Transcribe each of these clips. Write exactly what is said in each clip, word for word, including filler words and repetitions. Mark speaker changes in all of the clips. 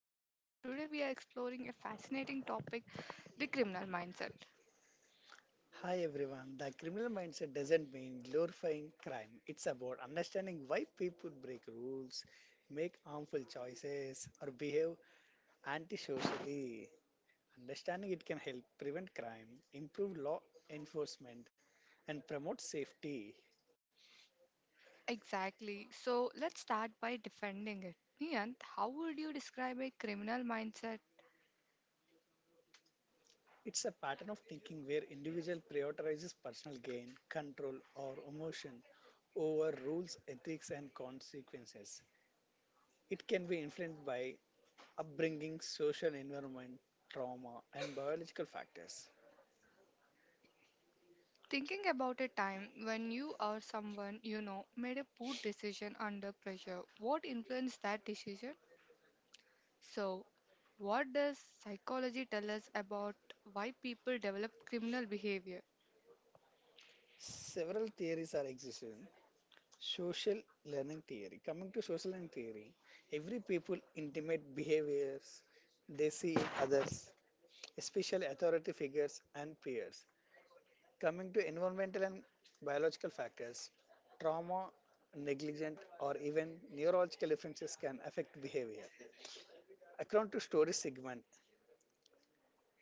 Speaker 1: is Nayan. Today we are exploring a fascinating topic, the criminal mindset.
Speaker 2: Hi everyone. The criminal mindset doesn't mean glorifying crime. It's about understanding why people break rules, make harmful choices, or behave antisocially. Understanding it can help prevent crime, improve law enforcement, and promote safety.
Speaker 1: Exactly. So let's start by defending it. Nayan, how would you describe a criminal mindset?
Speaker 2: It's a pattern of thinking where individual prioritizes personal gain, control, or emotion over rules, ethics, and consequences. It can be influenced by upbringing, social environment, trauma, and biological factors.
Speaker 1: Thinking about a time when you or someone you know made a poor decision under pressure, what influenced that decision? So, what does psychology tell us about why people develop criminal behavior?
Speaker 2: Several theories are existing. Social learning theory. Coming to social learning theory, every people intimate behaviors they see in others, especially authority figures and peers. Coming to environmental and biological factors, trauma, negligent, or even neurological differences can affect behavior. According to story segment,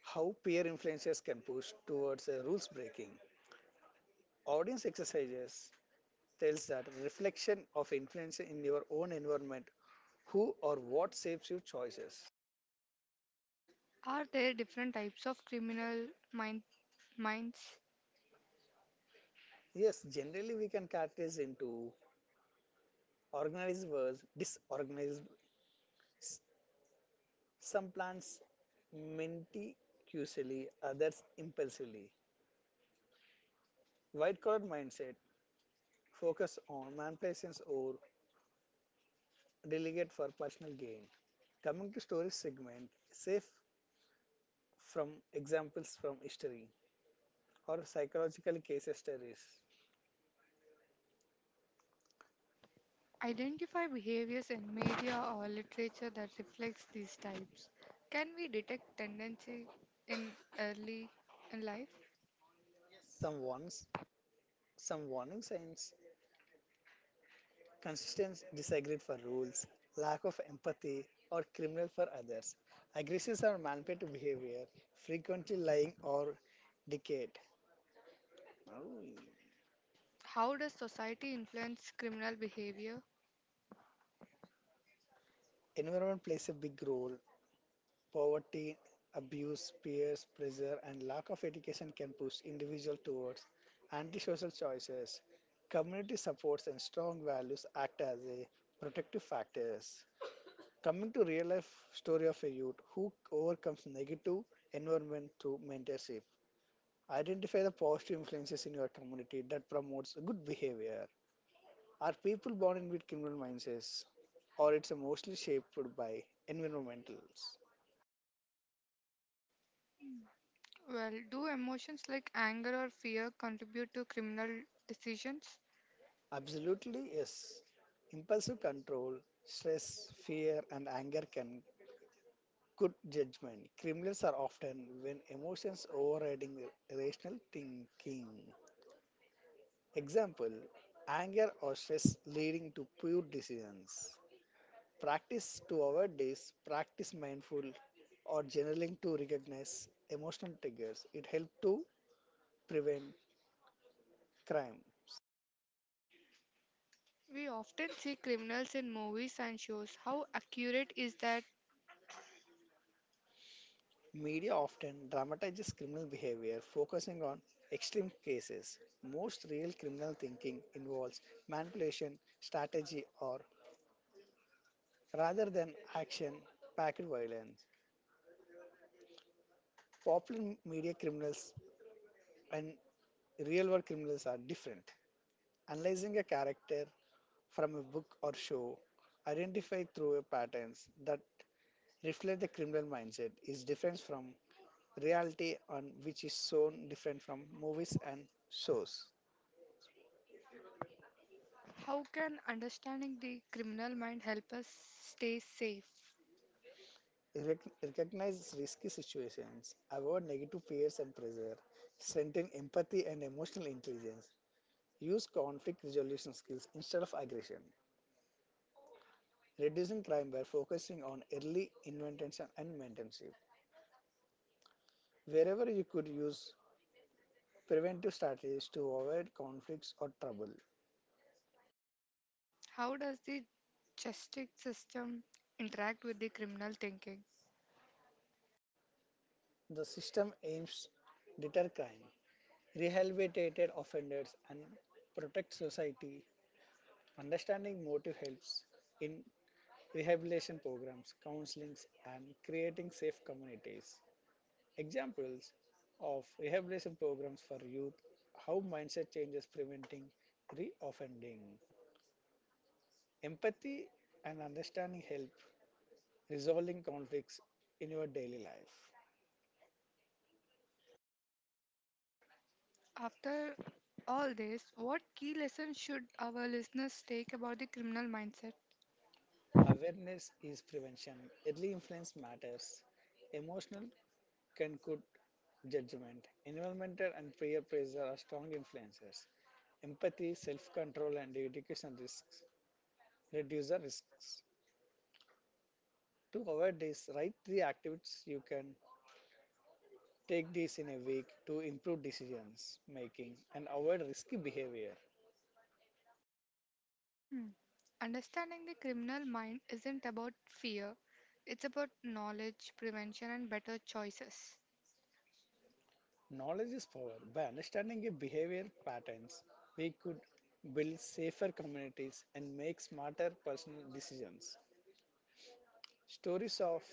Speaker 2: how peer influences can push towards a rules breaking. Audience exercises tells that reflection of influence in your own environment, who or what shapes your choices.
Speaker 1: Are there different types of criminal mind- minds?
Speaker 2: Yes, generally we can categorize into organized versus disorganized. s- Some plans meticulously, others impulsively. White collar mindset focus on manipulations or delegate for personal gain. Coming to story segment, safe from examples from history or psychological case studies.
Speaker 1: Identify behaviors in media or literature that reflects these types. Can we detect tendency in early in life?
Speaker 2: Someone's, some warning signs, consistent disagreement for rules, lack of empathy, or criminal for others, aggressive or manipulative behavior, frequently lying or deceit. Oh.
Speaker 1: How does society influence criminal behavior?
Speaker 2: Environment plays a big role. Poverty, abuse, peers pressure, and lack of education can push individuals towards antisocial choices. Community supports and strong values act as a protective factors. Coming to real life story of a youth who overcomes negative environment through mentorship. Identify the positive influences in your community that promotes good behavior. Are people born in with criminal mindsets or it's mostly shaped by environmentals?
Speaker 1: Well, do emotions like anger or fear contribute to criminal decisions?
Speaker 2: Absolutely yes. Impulsive control, stress, fear and anger can good judgment. Criminals are often when emotions overriding rational thinking. Example anger or stress leading to poor decisions. Practice to avoid this, practice mindful or journaling to recognize emotional triggers. It helps to prevent crime.
Speaker 1: We often see criminals in movies and shows. How accurate is that?
Speaker 2: Media often dramatizes criminal behavior, focusing on extreme cases. Most real criminal thinking involves manipulation, strategy, or rather than action packed violence. Popular media criminals and real world criminals are different. Analyzing a character from a book or show, identify through a patterns that reflect the criminal mindset is different from reality on which is shown different from movies and shows.
Speaker 1: How can understanding the criminal mind help us stay safe?
Speaker 2: Rec- Recognize risky situations, avoid negative fears and pressure, strengthen empathy and emotional intelligence, use conflict resolution skills instead of aggression, reducing crime by focusing on early intervention and mentorship. Wherever you could use preventive strategies to avoid conflicts or trouble.
Speaker 1: How does the justice system interact with the criminal thinking?
Speaker 2: The system aims deter crime, rehabilitate offenders, and protect society. Understanding motive helps in rehabilitation programs, counselings, and creating safe communities. Examples of rehabilitation programs for youth: how mindset changes preventing re-offending. Empathy and understanding help resolving conflicts in your daily life.
Speaker 1: After all this, what key lessons should our listeners take about the criminal mindset?
Speaker 2: Awareness is prevention. Early influence matters. Emotional can good judgment. Environmental and peer pressure are strong influences. Empathy, self-control, and education risks reduce the risks. To avoid this, write three activities you can take this in a week to improve decisions making and avoid risky behavior.
Speaker 1: Hmm. Understanding the criminal mind isn't about fear, it's about knowledge, prevention, and better choices.
Speaker 2: Knowledge is power. By understanding your behavior patterns, we could build safer communities and make smarter personal decisions. Stories of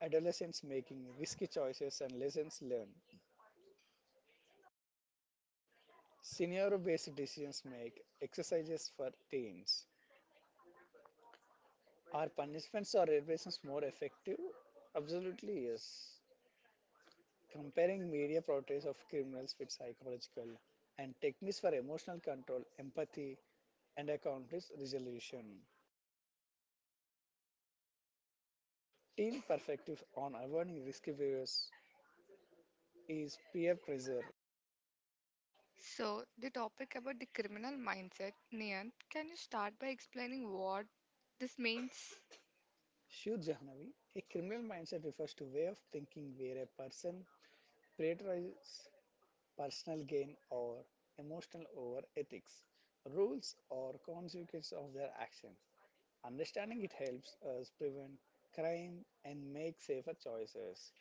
Speaker 2: adolescents making risky choices and lessons learned. Scenario based decisions make exercises for teens. Are punishments or reparations more effective? Absolutely, yes. Comparing media portrayals of criminals with psychological and techniques for emotional control, empathy, and a conflict resolution. Teen perspective on avoiding risky behaviors is peer pressure.
Speaker 1: So, the topic about the criminal mindset, Nian, can you start by explaining what this means?
Speaker 2: Shoot Jahnavi, a criminal mindset refers to way of thinking where a person prioritize personal gain or emotional over ethics. Rules or consequences of their actions. Understanding it helps us prevent crime and make safer choices.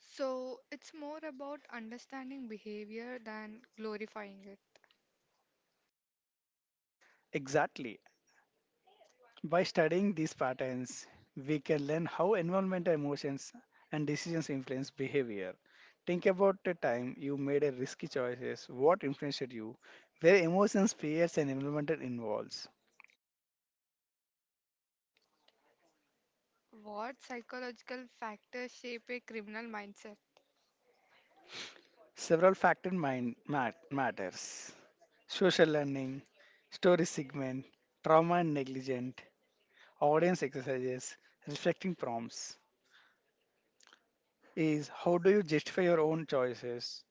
Speaker 1: So, it's more about understanding behavior than glorifying it.
Speaker 2: Exactly. By studying these patterns, we can learn how environmental emotions and decisions influence behavior. Think about the time you made a risky choices, what influenced you, where emotions, fears, and environment involves.
Speaker 1: What psychological factors shape a criminal mindset?
Speaker 2: Several factor mind mat- matters. Social learning, story segment, trauma and negligent, audience exercises, reflecting prompts. Is how do you justify your own choices?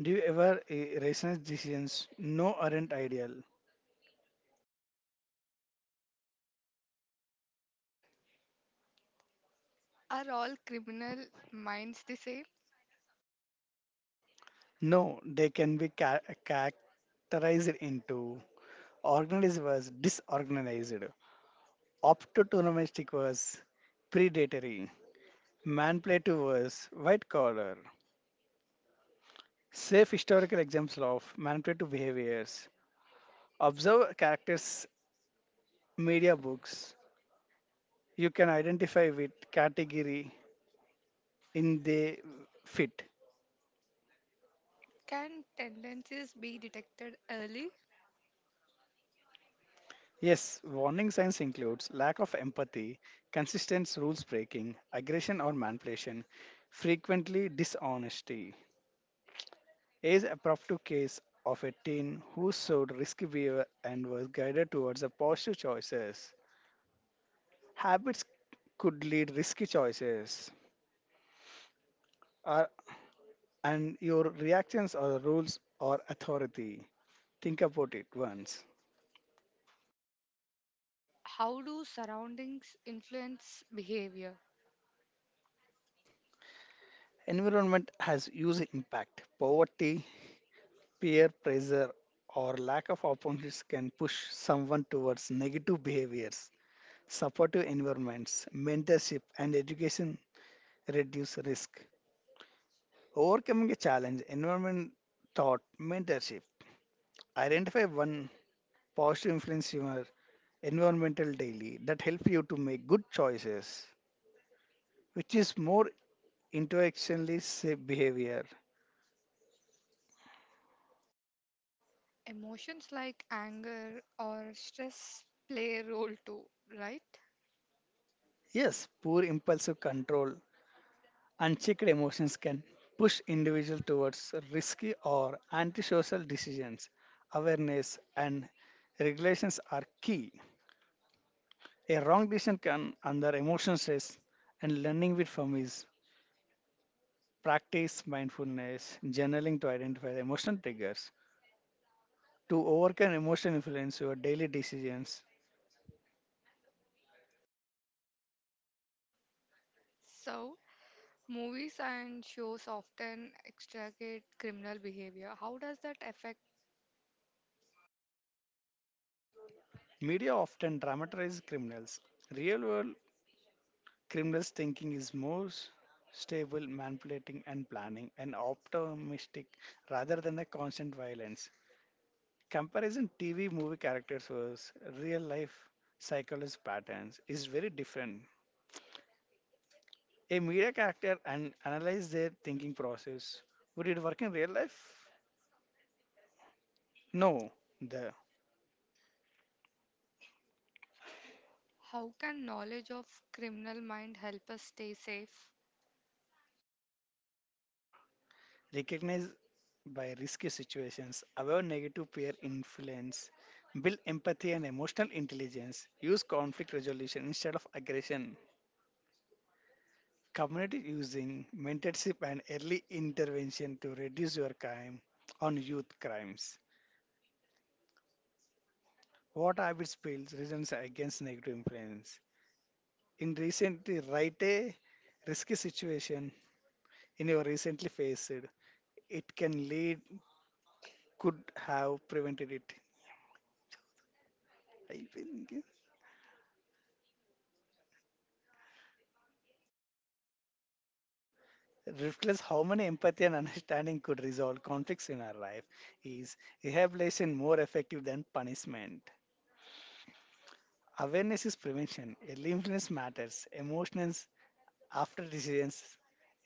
Speaker 2: Do you ever eh, rationalize decisions? No, aren't ideal.
Speaker 1: Are all criminal minds the same?
Speaker 2: No, they can be ca- characterized into organized versus disorganized, opportunistic versus predatory, manipulative versus white collar, safe historical examples of manipulative behaviors. Observe characters' media books. You can identify with category in they fit.
Speaker 1: Can tendencies be detected early?
Speaker 2: Yes, warning signs includes lack of empathy, consistent rules breaking, aggression or manipulation, frequently dishonesty. Age appropriate case of a teen who showed risky behavior and was guided towards the positive choices. Habits could lead risky choices or and your reactions or rules or authority. Think about it once.
Speaker 1: How do surroundings influence behavior?
Speaker 2: Environment has huge impact. Poverty, peer pressure, or lack of opportunities can push someone towards negative behaviors. Supportive environments, mentorship, and education reduce risk. Overcoming a challenge, environment thought, mentorship. Identify one positive influence in your environmental daily that help you to make good choices which is more into actionless safe behavior.
Speaker 1: Emotions like anger or stress play a role too, right?
Speaker 2: Yes, poor impulsive control, unchecked emotions can push individuals towards risky or antisocial decisions. Awareness and regulations are key. A wrong decision can under emotional stress and learning with from is practice mindfulness, journaling to identify the emotional triggers. To overcome emotional influence, your daily decisions.
Speaker 1: So, movies and shows often extricate criminal behavior. How does that affect?
Speaker 2: Media often dramatizes criminals. Real world criminals thinking is more s- stable, manipulating and planning, and optimistic rather than the constant violence. Comparison T V movie characters versus real life psychologist patterns is very different. A media character and analyze their thinking process. Would it work in real life? No. The
Speaker 1: How can knowledge of criminal mind help us stay safe?
Speaker 2: recognize by risky situations, avoid negative peer influence, build empathy and emotional intelligence, use conflict resolution instead of aggression. Community using mentorship and early intervention to reduce your crime on youth crimes. What habits builds resilience against negative influence? In recently, write a risky situation in your recently faced. It can lead, could have prevented it. I think reflects how many empathy and understanding could resolve conflicts in our life. Is rehabilitation more effective than punishment? Awareness is prevention. Early influence matters. Emotional after decisions,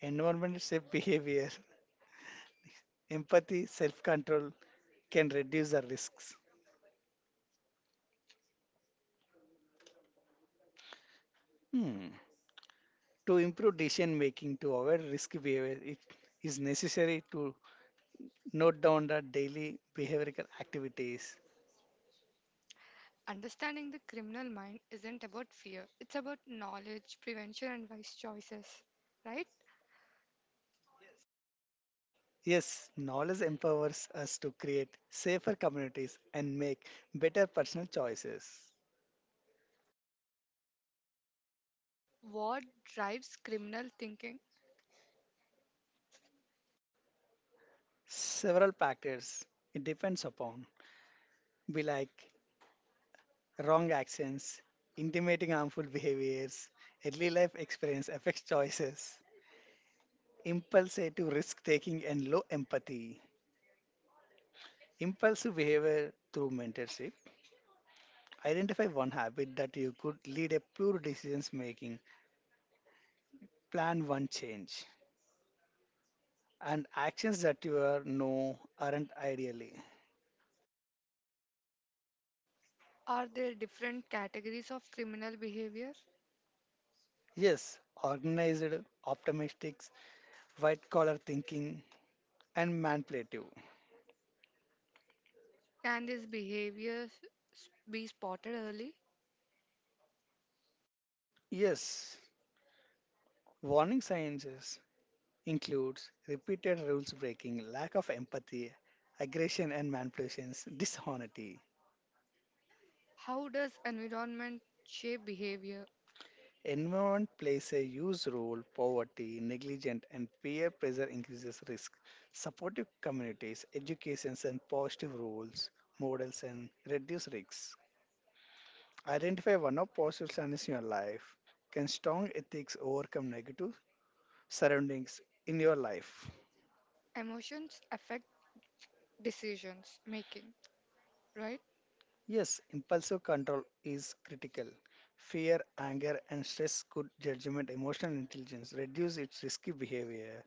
Speaker 2: environment safe behavior, empathy, self control can reduce the risks. Hmm. To improve decision making, to avoid risky behavior, it is necessary to note down the daily behavioral activities.
Speaker 1: Understanding the criminal mind isn't about fear, it's about knowledge, prevention, and wise choices, right?
Speaker 2: Yes, knowledge empowers us to create safer communities and make better personal choices.
Speaker 1: What drives criminal thinking?
Speaker 2: Several factors it depends upon, be like wrong accents, intimating harmful behaviors, early life experience affects choices, impulsive risk taking, and low empathy. Impulsive behavior through mentorship. Identify one habit that you could lead a pure decisions making. Plan one change. And actions that you are no aren't ideally.
Speaker 1: Are there different categories of criminal behavior?
Speaker 2: Yes, organized, optimistic, white collar thinking, and manipulative.
Speaker 1: Can this behavior s- be spotted early?
Speaker 2: Yes, warning signs. Includes repeated rules breaking, lack of empathy, aggression and manipulations, dishonesty.
Speaker 1: How does environment shape behavior?
Speaker 2: Environment plays a huge role. Poverty, negligence, and peer pressure increases risk. Supportive communities, educations, and positive roles, models, and reduce risks. Identify one of positive signs in your life. Can strong ethics overcome negative surroundings in your life?
Speaker 1: Emotions affect decisions making, right?
Speaker 2: Yes, impulsive control is critical. Fear, anger, and stress could judgment, emotional intelligence reduce its risky behavior.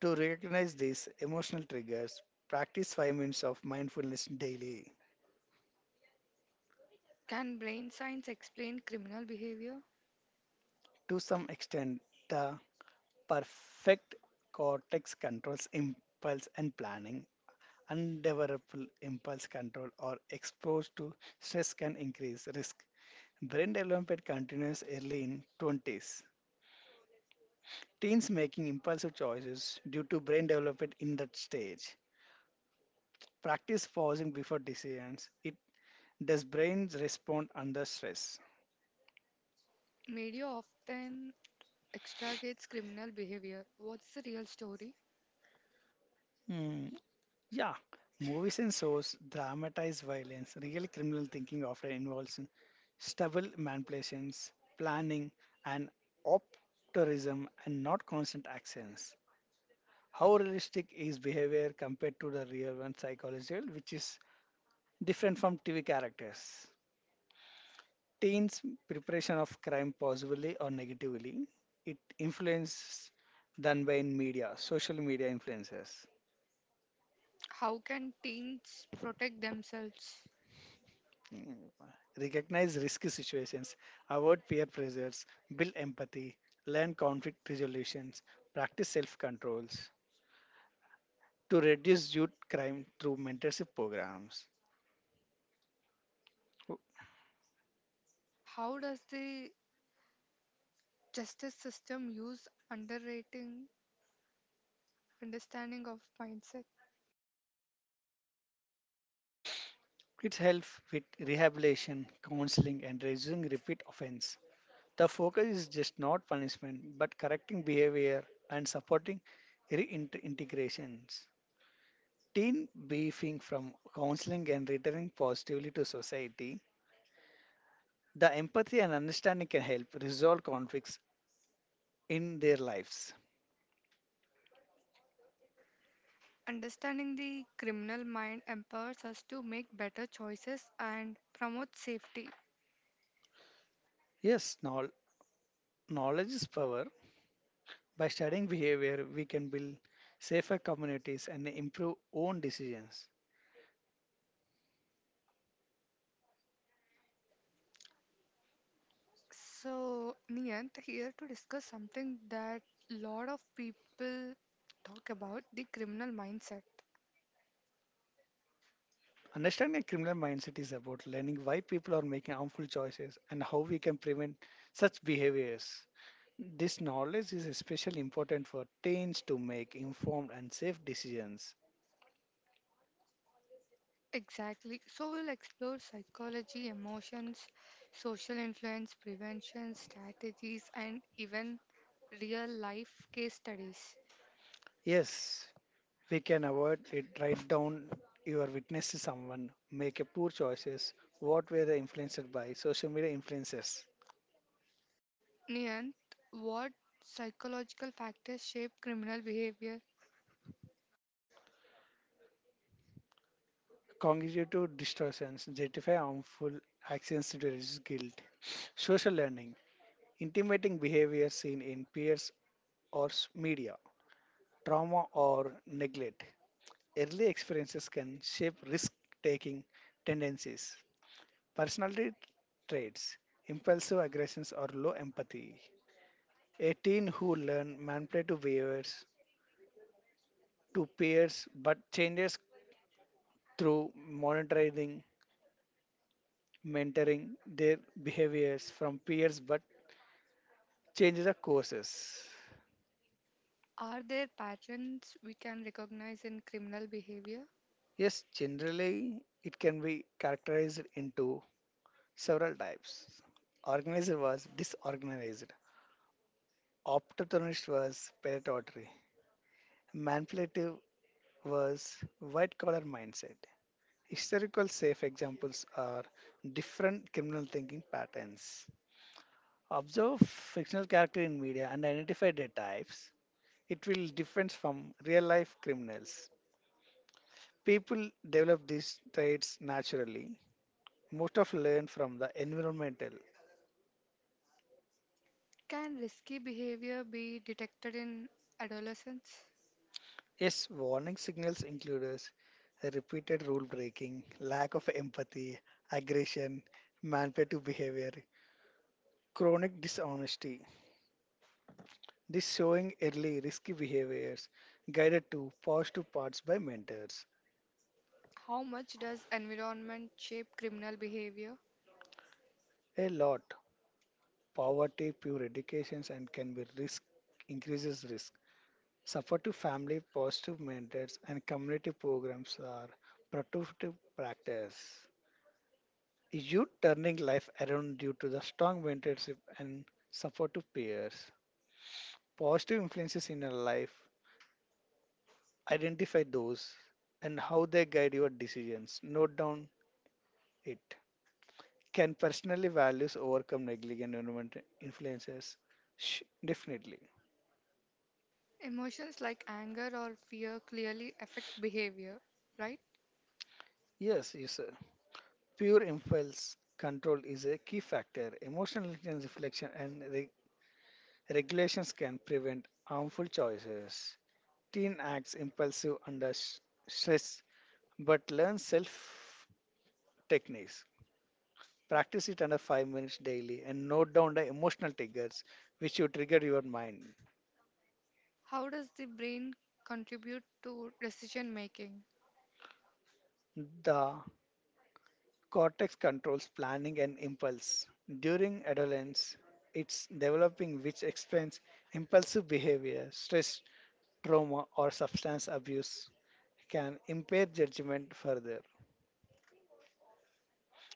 Speaker 2: To recognize these emotional triggers, practice five minutes of mindfulness daily.
Speaker 1: Can brain science explain criminal behavior?
Speaker 2: To some extent, the perfect cortex controls impulse and planning. Undeveloped impulse control or exposed to stress can increase risk. Brain development continues early in twenties. Teens making impulsive choices due to brain development in that stage. Practice pausing before decisions. It does brains respond under stress.
Speaker 1: Media often extragates criminal behavior. What's the real story?
Speaker 2: Hmm, yeah, movies and shows dramatize violence. Real criminal thinking often involves in stubble manipulations, planning, and optimism, and not constant actions. How realistic is behavior compared to the real one psychological, which is different from T V characters? Teens preparation of crime positively or negatively it influence done by in media social media influences.
Speaker 1: How can teens protect themselves?
Speaker 2: Mm. Recognize risky situations, avoid peer pressures, build empathy, learn conflict resolutions, practice self controls to reduce youth crime through mentorship programs.
Speaker 1: How does the justice system use underrating understanding of mindset?
Speaker 2: It helps with rehabilitation counseling and reducing repeat offense. The focus is just not punishment, but correcting behavior and supporting reintegrations. Teen beefing from counseling and returning positively to society, the empathy and understanding can help resolve conflicts in their lives.
Speaker 1: Understanding the criminal mind empowers us to make better choices and promote safety.
Speaker 2: Yes, knowl- knowledge is power. By studying behavior, we can build safer communities and improve own decisions.
Speaker 1: So, Niyant here to discuss something that lot of people talk about the criminal mindset.
Speaker 2: Understanding a criminal mindset is about learning why people are making harmful choices and how we can prevent such behaviors. This knowledge is especially important for teens to make informed and safe decisions.
Speaker 1: Exactly. So we'll explore psychology, emotions, social influence, prevention strategies, and even real life case studies.
Speaker 2: Yes, we can avoid it. Write down your witness to someone, make a poor choices. What were they influenced by? Social media influences,
Speaker 1: Niyant, what psychological factors shape criminal behavior?
Speaker 2: cognitive distortions, justify harmful actions to reduce guilt, social learning, intimating behavior seen in peers or s- media, trauma or neglect. Early experiences can shape risk taking tendencies. Personality traits impulsive aggressions or low empathy. A teen who learns manipulative behaviors to peers but changes through monitoring, mentoring their behaviors from peers but changes the courses.
Speaker 1: Are there patterns we can recognize in criminal behavior?
Speaker 2: Yes, generally it can be characterized into several types. Organized was disorganized. Opportunist was predatory. Manipulative was white collar mindset. Historical safe examples are different criminal thinking patterns. Observe fictional character in media and identify their types. It will differ from real life criminals. People develop these traits naturally. Most of learn from the environmental.
Speaker 1: Can risky behavior be detected in adolescence?
Speaker 2: Yes, warning signals includes repeated rule breaking, lack of empathy, aggression, manipulative behavior, chronic dishonesty. This showing early risky behaviors guided to positive parts by mentors.
Speaker 1: How much does environment shape criminal behavior?
Speaker 2: A lot poverty, poor educations, and can be risk increases risk. Supportive family, positive mentors, and community programs are productive practice. You turning life around due to the strong mentorship and supportive peers? Positive influences in your life. Identify those and how they guide your decisions. Note down it. Can personally values overcome negligent environment influences? Sh- definitely.
Speaker 1: Emotions like anger or fear clearly affect behavior, right?
Speaker 2: Yes, yes, sir. Pure impulse control is a key factor. Emotional intelligence reflection and re- regulations can prevent harmful choices. Teen acts impulsive under s- stress but learn self techniques. Practice it under five minutes daily and note down the emotional triggers which you trigger your mind.
Speaker 1: How does the brain contribute to decision making?
Speaker 2: The Cortex controls planning and impulse. During adolescence, it's developing which explains impulsive behavior, stress, trauma, or substance abuse can impair judgment further.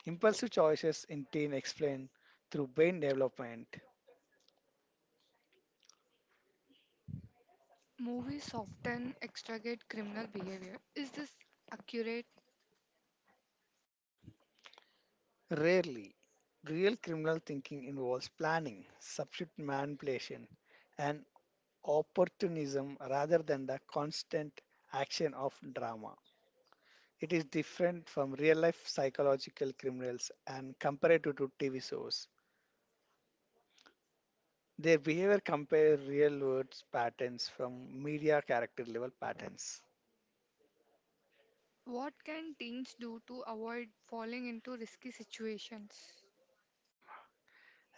Speaker 2: Impulsive choices in teen explain through brain development.
Speaker 1: Movies often extricate criminal behavior. Is this accurate?
Speaker 2: Rarely, real criminal thinking involves planning, substitute manipulation, and opportunism rather than the constant action of drama. It is different from real life psychological criminals and comparative to T V shows. Their behavior compare real world patterns from media character level patterns.
Speaker 1: What can teens do to avoid falling into risky situations?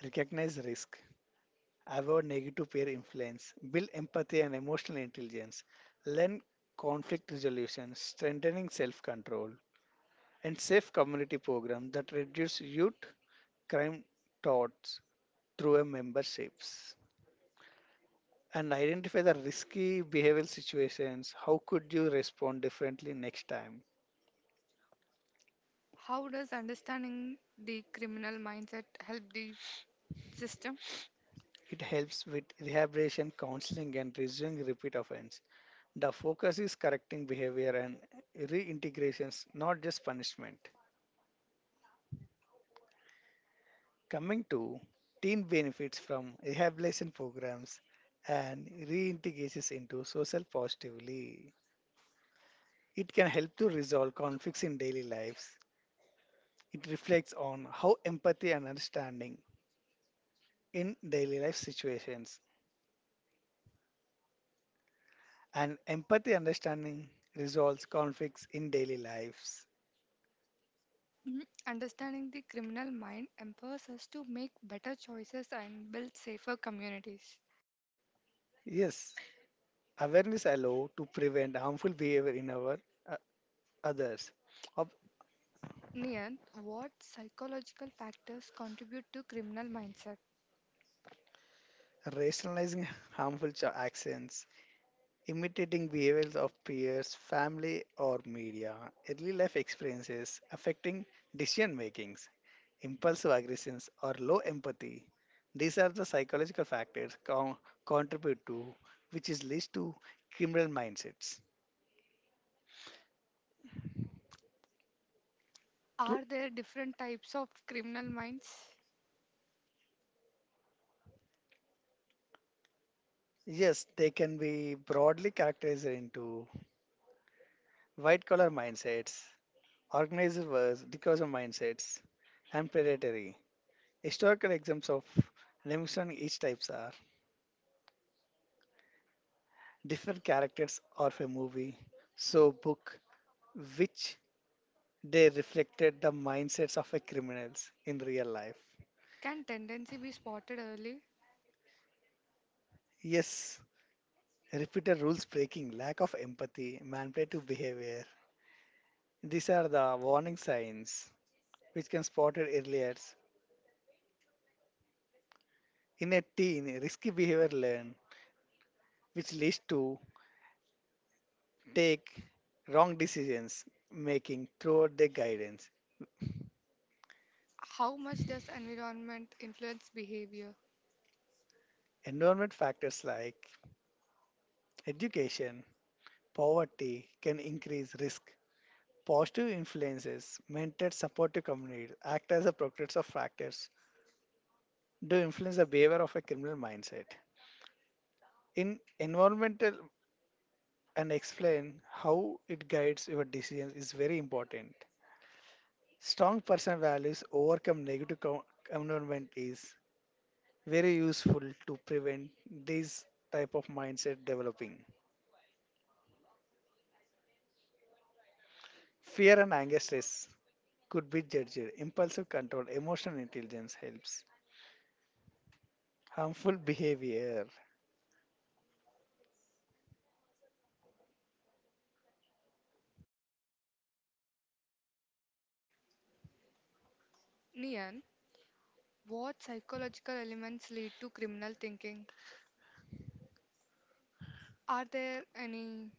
Speaker 2: Recognize risk, avoid negative peer influence, build empathy and emotional intelligence, learn conflict resolution, strengthening self control, and safe community programs that reduce youth crime thoughts through a memberships. And identify the risky behavioral situations. How could you respond differently next time?
Speaker 1: How does understanding the criminal mindset help the system?
Speaker 2: It helps with rehabilitation, counseling, and reducing repeat offense. The focus is correcting behavior and reintegrations, not just punishment. Coming to teen benefits from rehabilitation programs and reintegrations into social positively. It can help to resolve conflicts in daily lives. It reflects on how empathy and understanding in daily life situations and empathy understanding resolves conflicts in daily lives.
Speaker 1: Mm, understanding the criminal mind empowers us to make better choices and build safer communities.
Speaker 2: Yes, awareness allow to prevent harmful behavior in our uh, others, of
Speaker 1: Niyant, what psychological factors contribute to criminal mindset?
Speaker 2: rationalizing harmful cho- actions, imitating behaviors of peers, family, or media, early life experiences affecting decision makings, impulsive aggressions, or low empathy. These are the psychological factors con- contribute to which is leads to criminal mindsets.
Speaker 1: Are there different types of criminal minds?
Speaker 2: Yes, they can be broadly characterized into white collar mindsets, organized wars, because of mindsets, and predatory. Historical examples of demonstrating each types are different characters of a movie, show, book, which they reflected the mindsets of a criminals in real life.
Speaker 1: Can tendency be spotted early?
Speaker 2: Yes, repeated rules breaking, lack of empathy, manipulative behavior. These are the warning signs which can spotted earlier in a teen risky behavior learn which leads to take wrong decisions making throughout their guidance
Speaker 1: How much does environment influence behavior?
Speaker 2: environment factors like education poverty can increase risk positive influences mentored supportive communities act as a protective factors to influence the behavior of a criminal mindset in environmental and explain how it guides your decisions is very important strong personal values overcome negative co- environment is very useful to prevent this type of mindset developing. Fear and anger stress could be judged. Impulsive control, emotional intelligence helps. Harmful behavior.
Speaker 1: Niyant, what psychological elements lead to criminal thinking? Are there any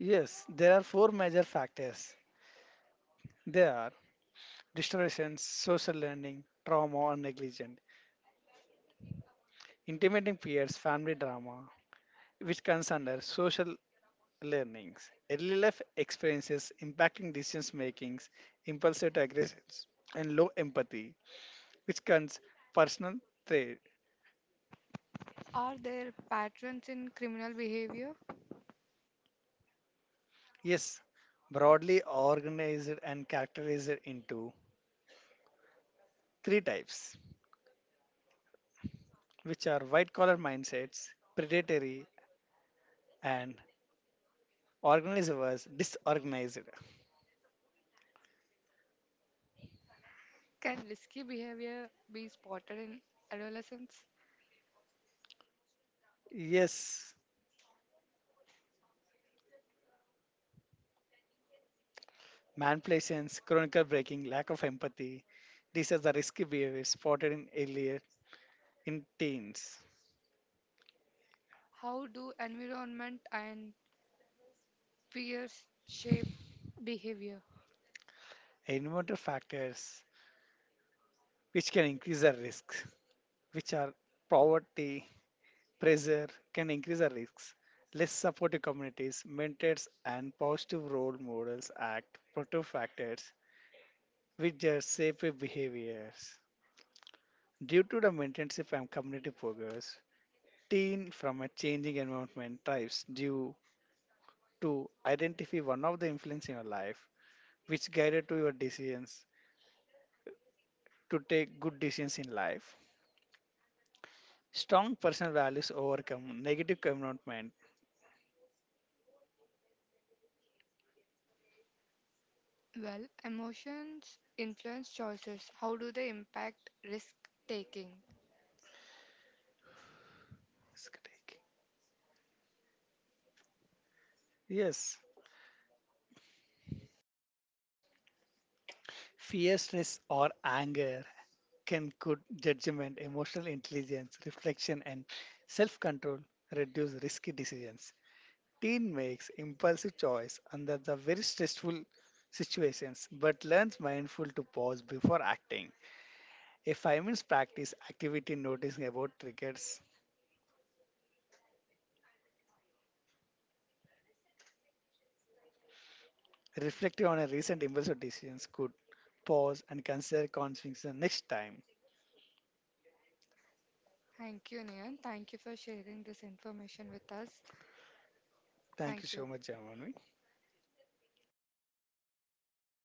Speaker 2: Yes, there are four major factors. They are distortions, social learning, trauma, or negligence, intimating peers, family drama, which comes under social learnings, early life experiences impacting decisions makings, impulsive aggressions, and low empathy which Whichkan's personal trade
Speaker 1: are there patterns in criminal behavior?
Speaker 2: is broadly organized and characterized into three types, which are white collar mindsets, predatory, and organized versus disorganized.
Speaker 1: Can risky behavior be spotted in adolescence?
Speaker 2: Yes, manipulations, chronicle breaking, lack of empathy. These are the risky behaviors spotted in earlier in teens.
Speaker 1: How do environment and peers shape behavior?
Speaker 2: Environmental factors which can increase the risks, which are poverty, pressure can increase our risks. Less supportive communities, mentors, and positive role models act protective factors which just safer behaviors. Due to the mentorship and community progress, teen from a changing environment thrives due to identify one of the influence in your life which guided to your decisions to take good decisions in life. Strong personal values overcome negative environment.
Speaker 1: Well, emotions influence choices. How do they impact risk taking?
Speaker 2: Yes, fear, stress, or anger can good judgment, emotional intelligence, reflection, and self control reduce risky decisions. Teen makes impulsive choice under the very stressful situations, but learns mindful to pause before acting. A five minutes practice activity noticing about triggers, reflecting on a recent impulsive decisions could pause and consider consequences next time.
Speaker 1: Thank you, Nian. Thank you for sharing this information with us.
Speaker 2: Thank you
Speaker 1: Thank
Speaker 2: so
Speaker 1: you.
Speaker 2: much, Jamanu.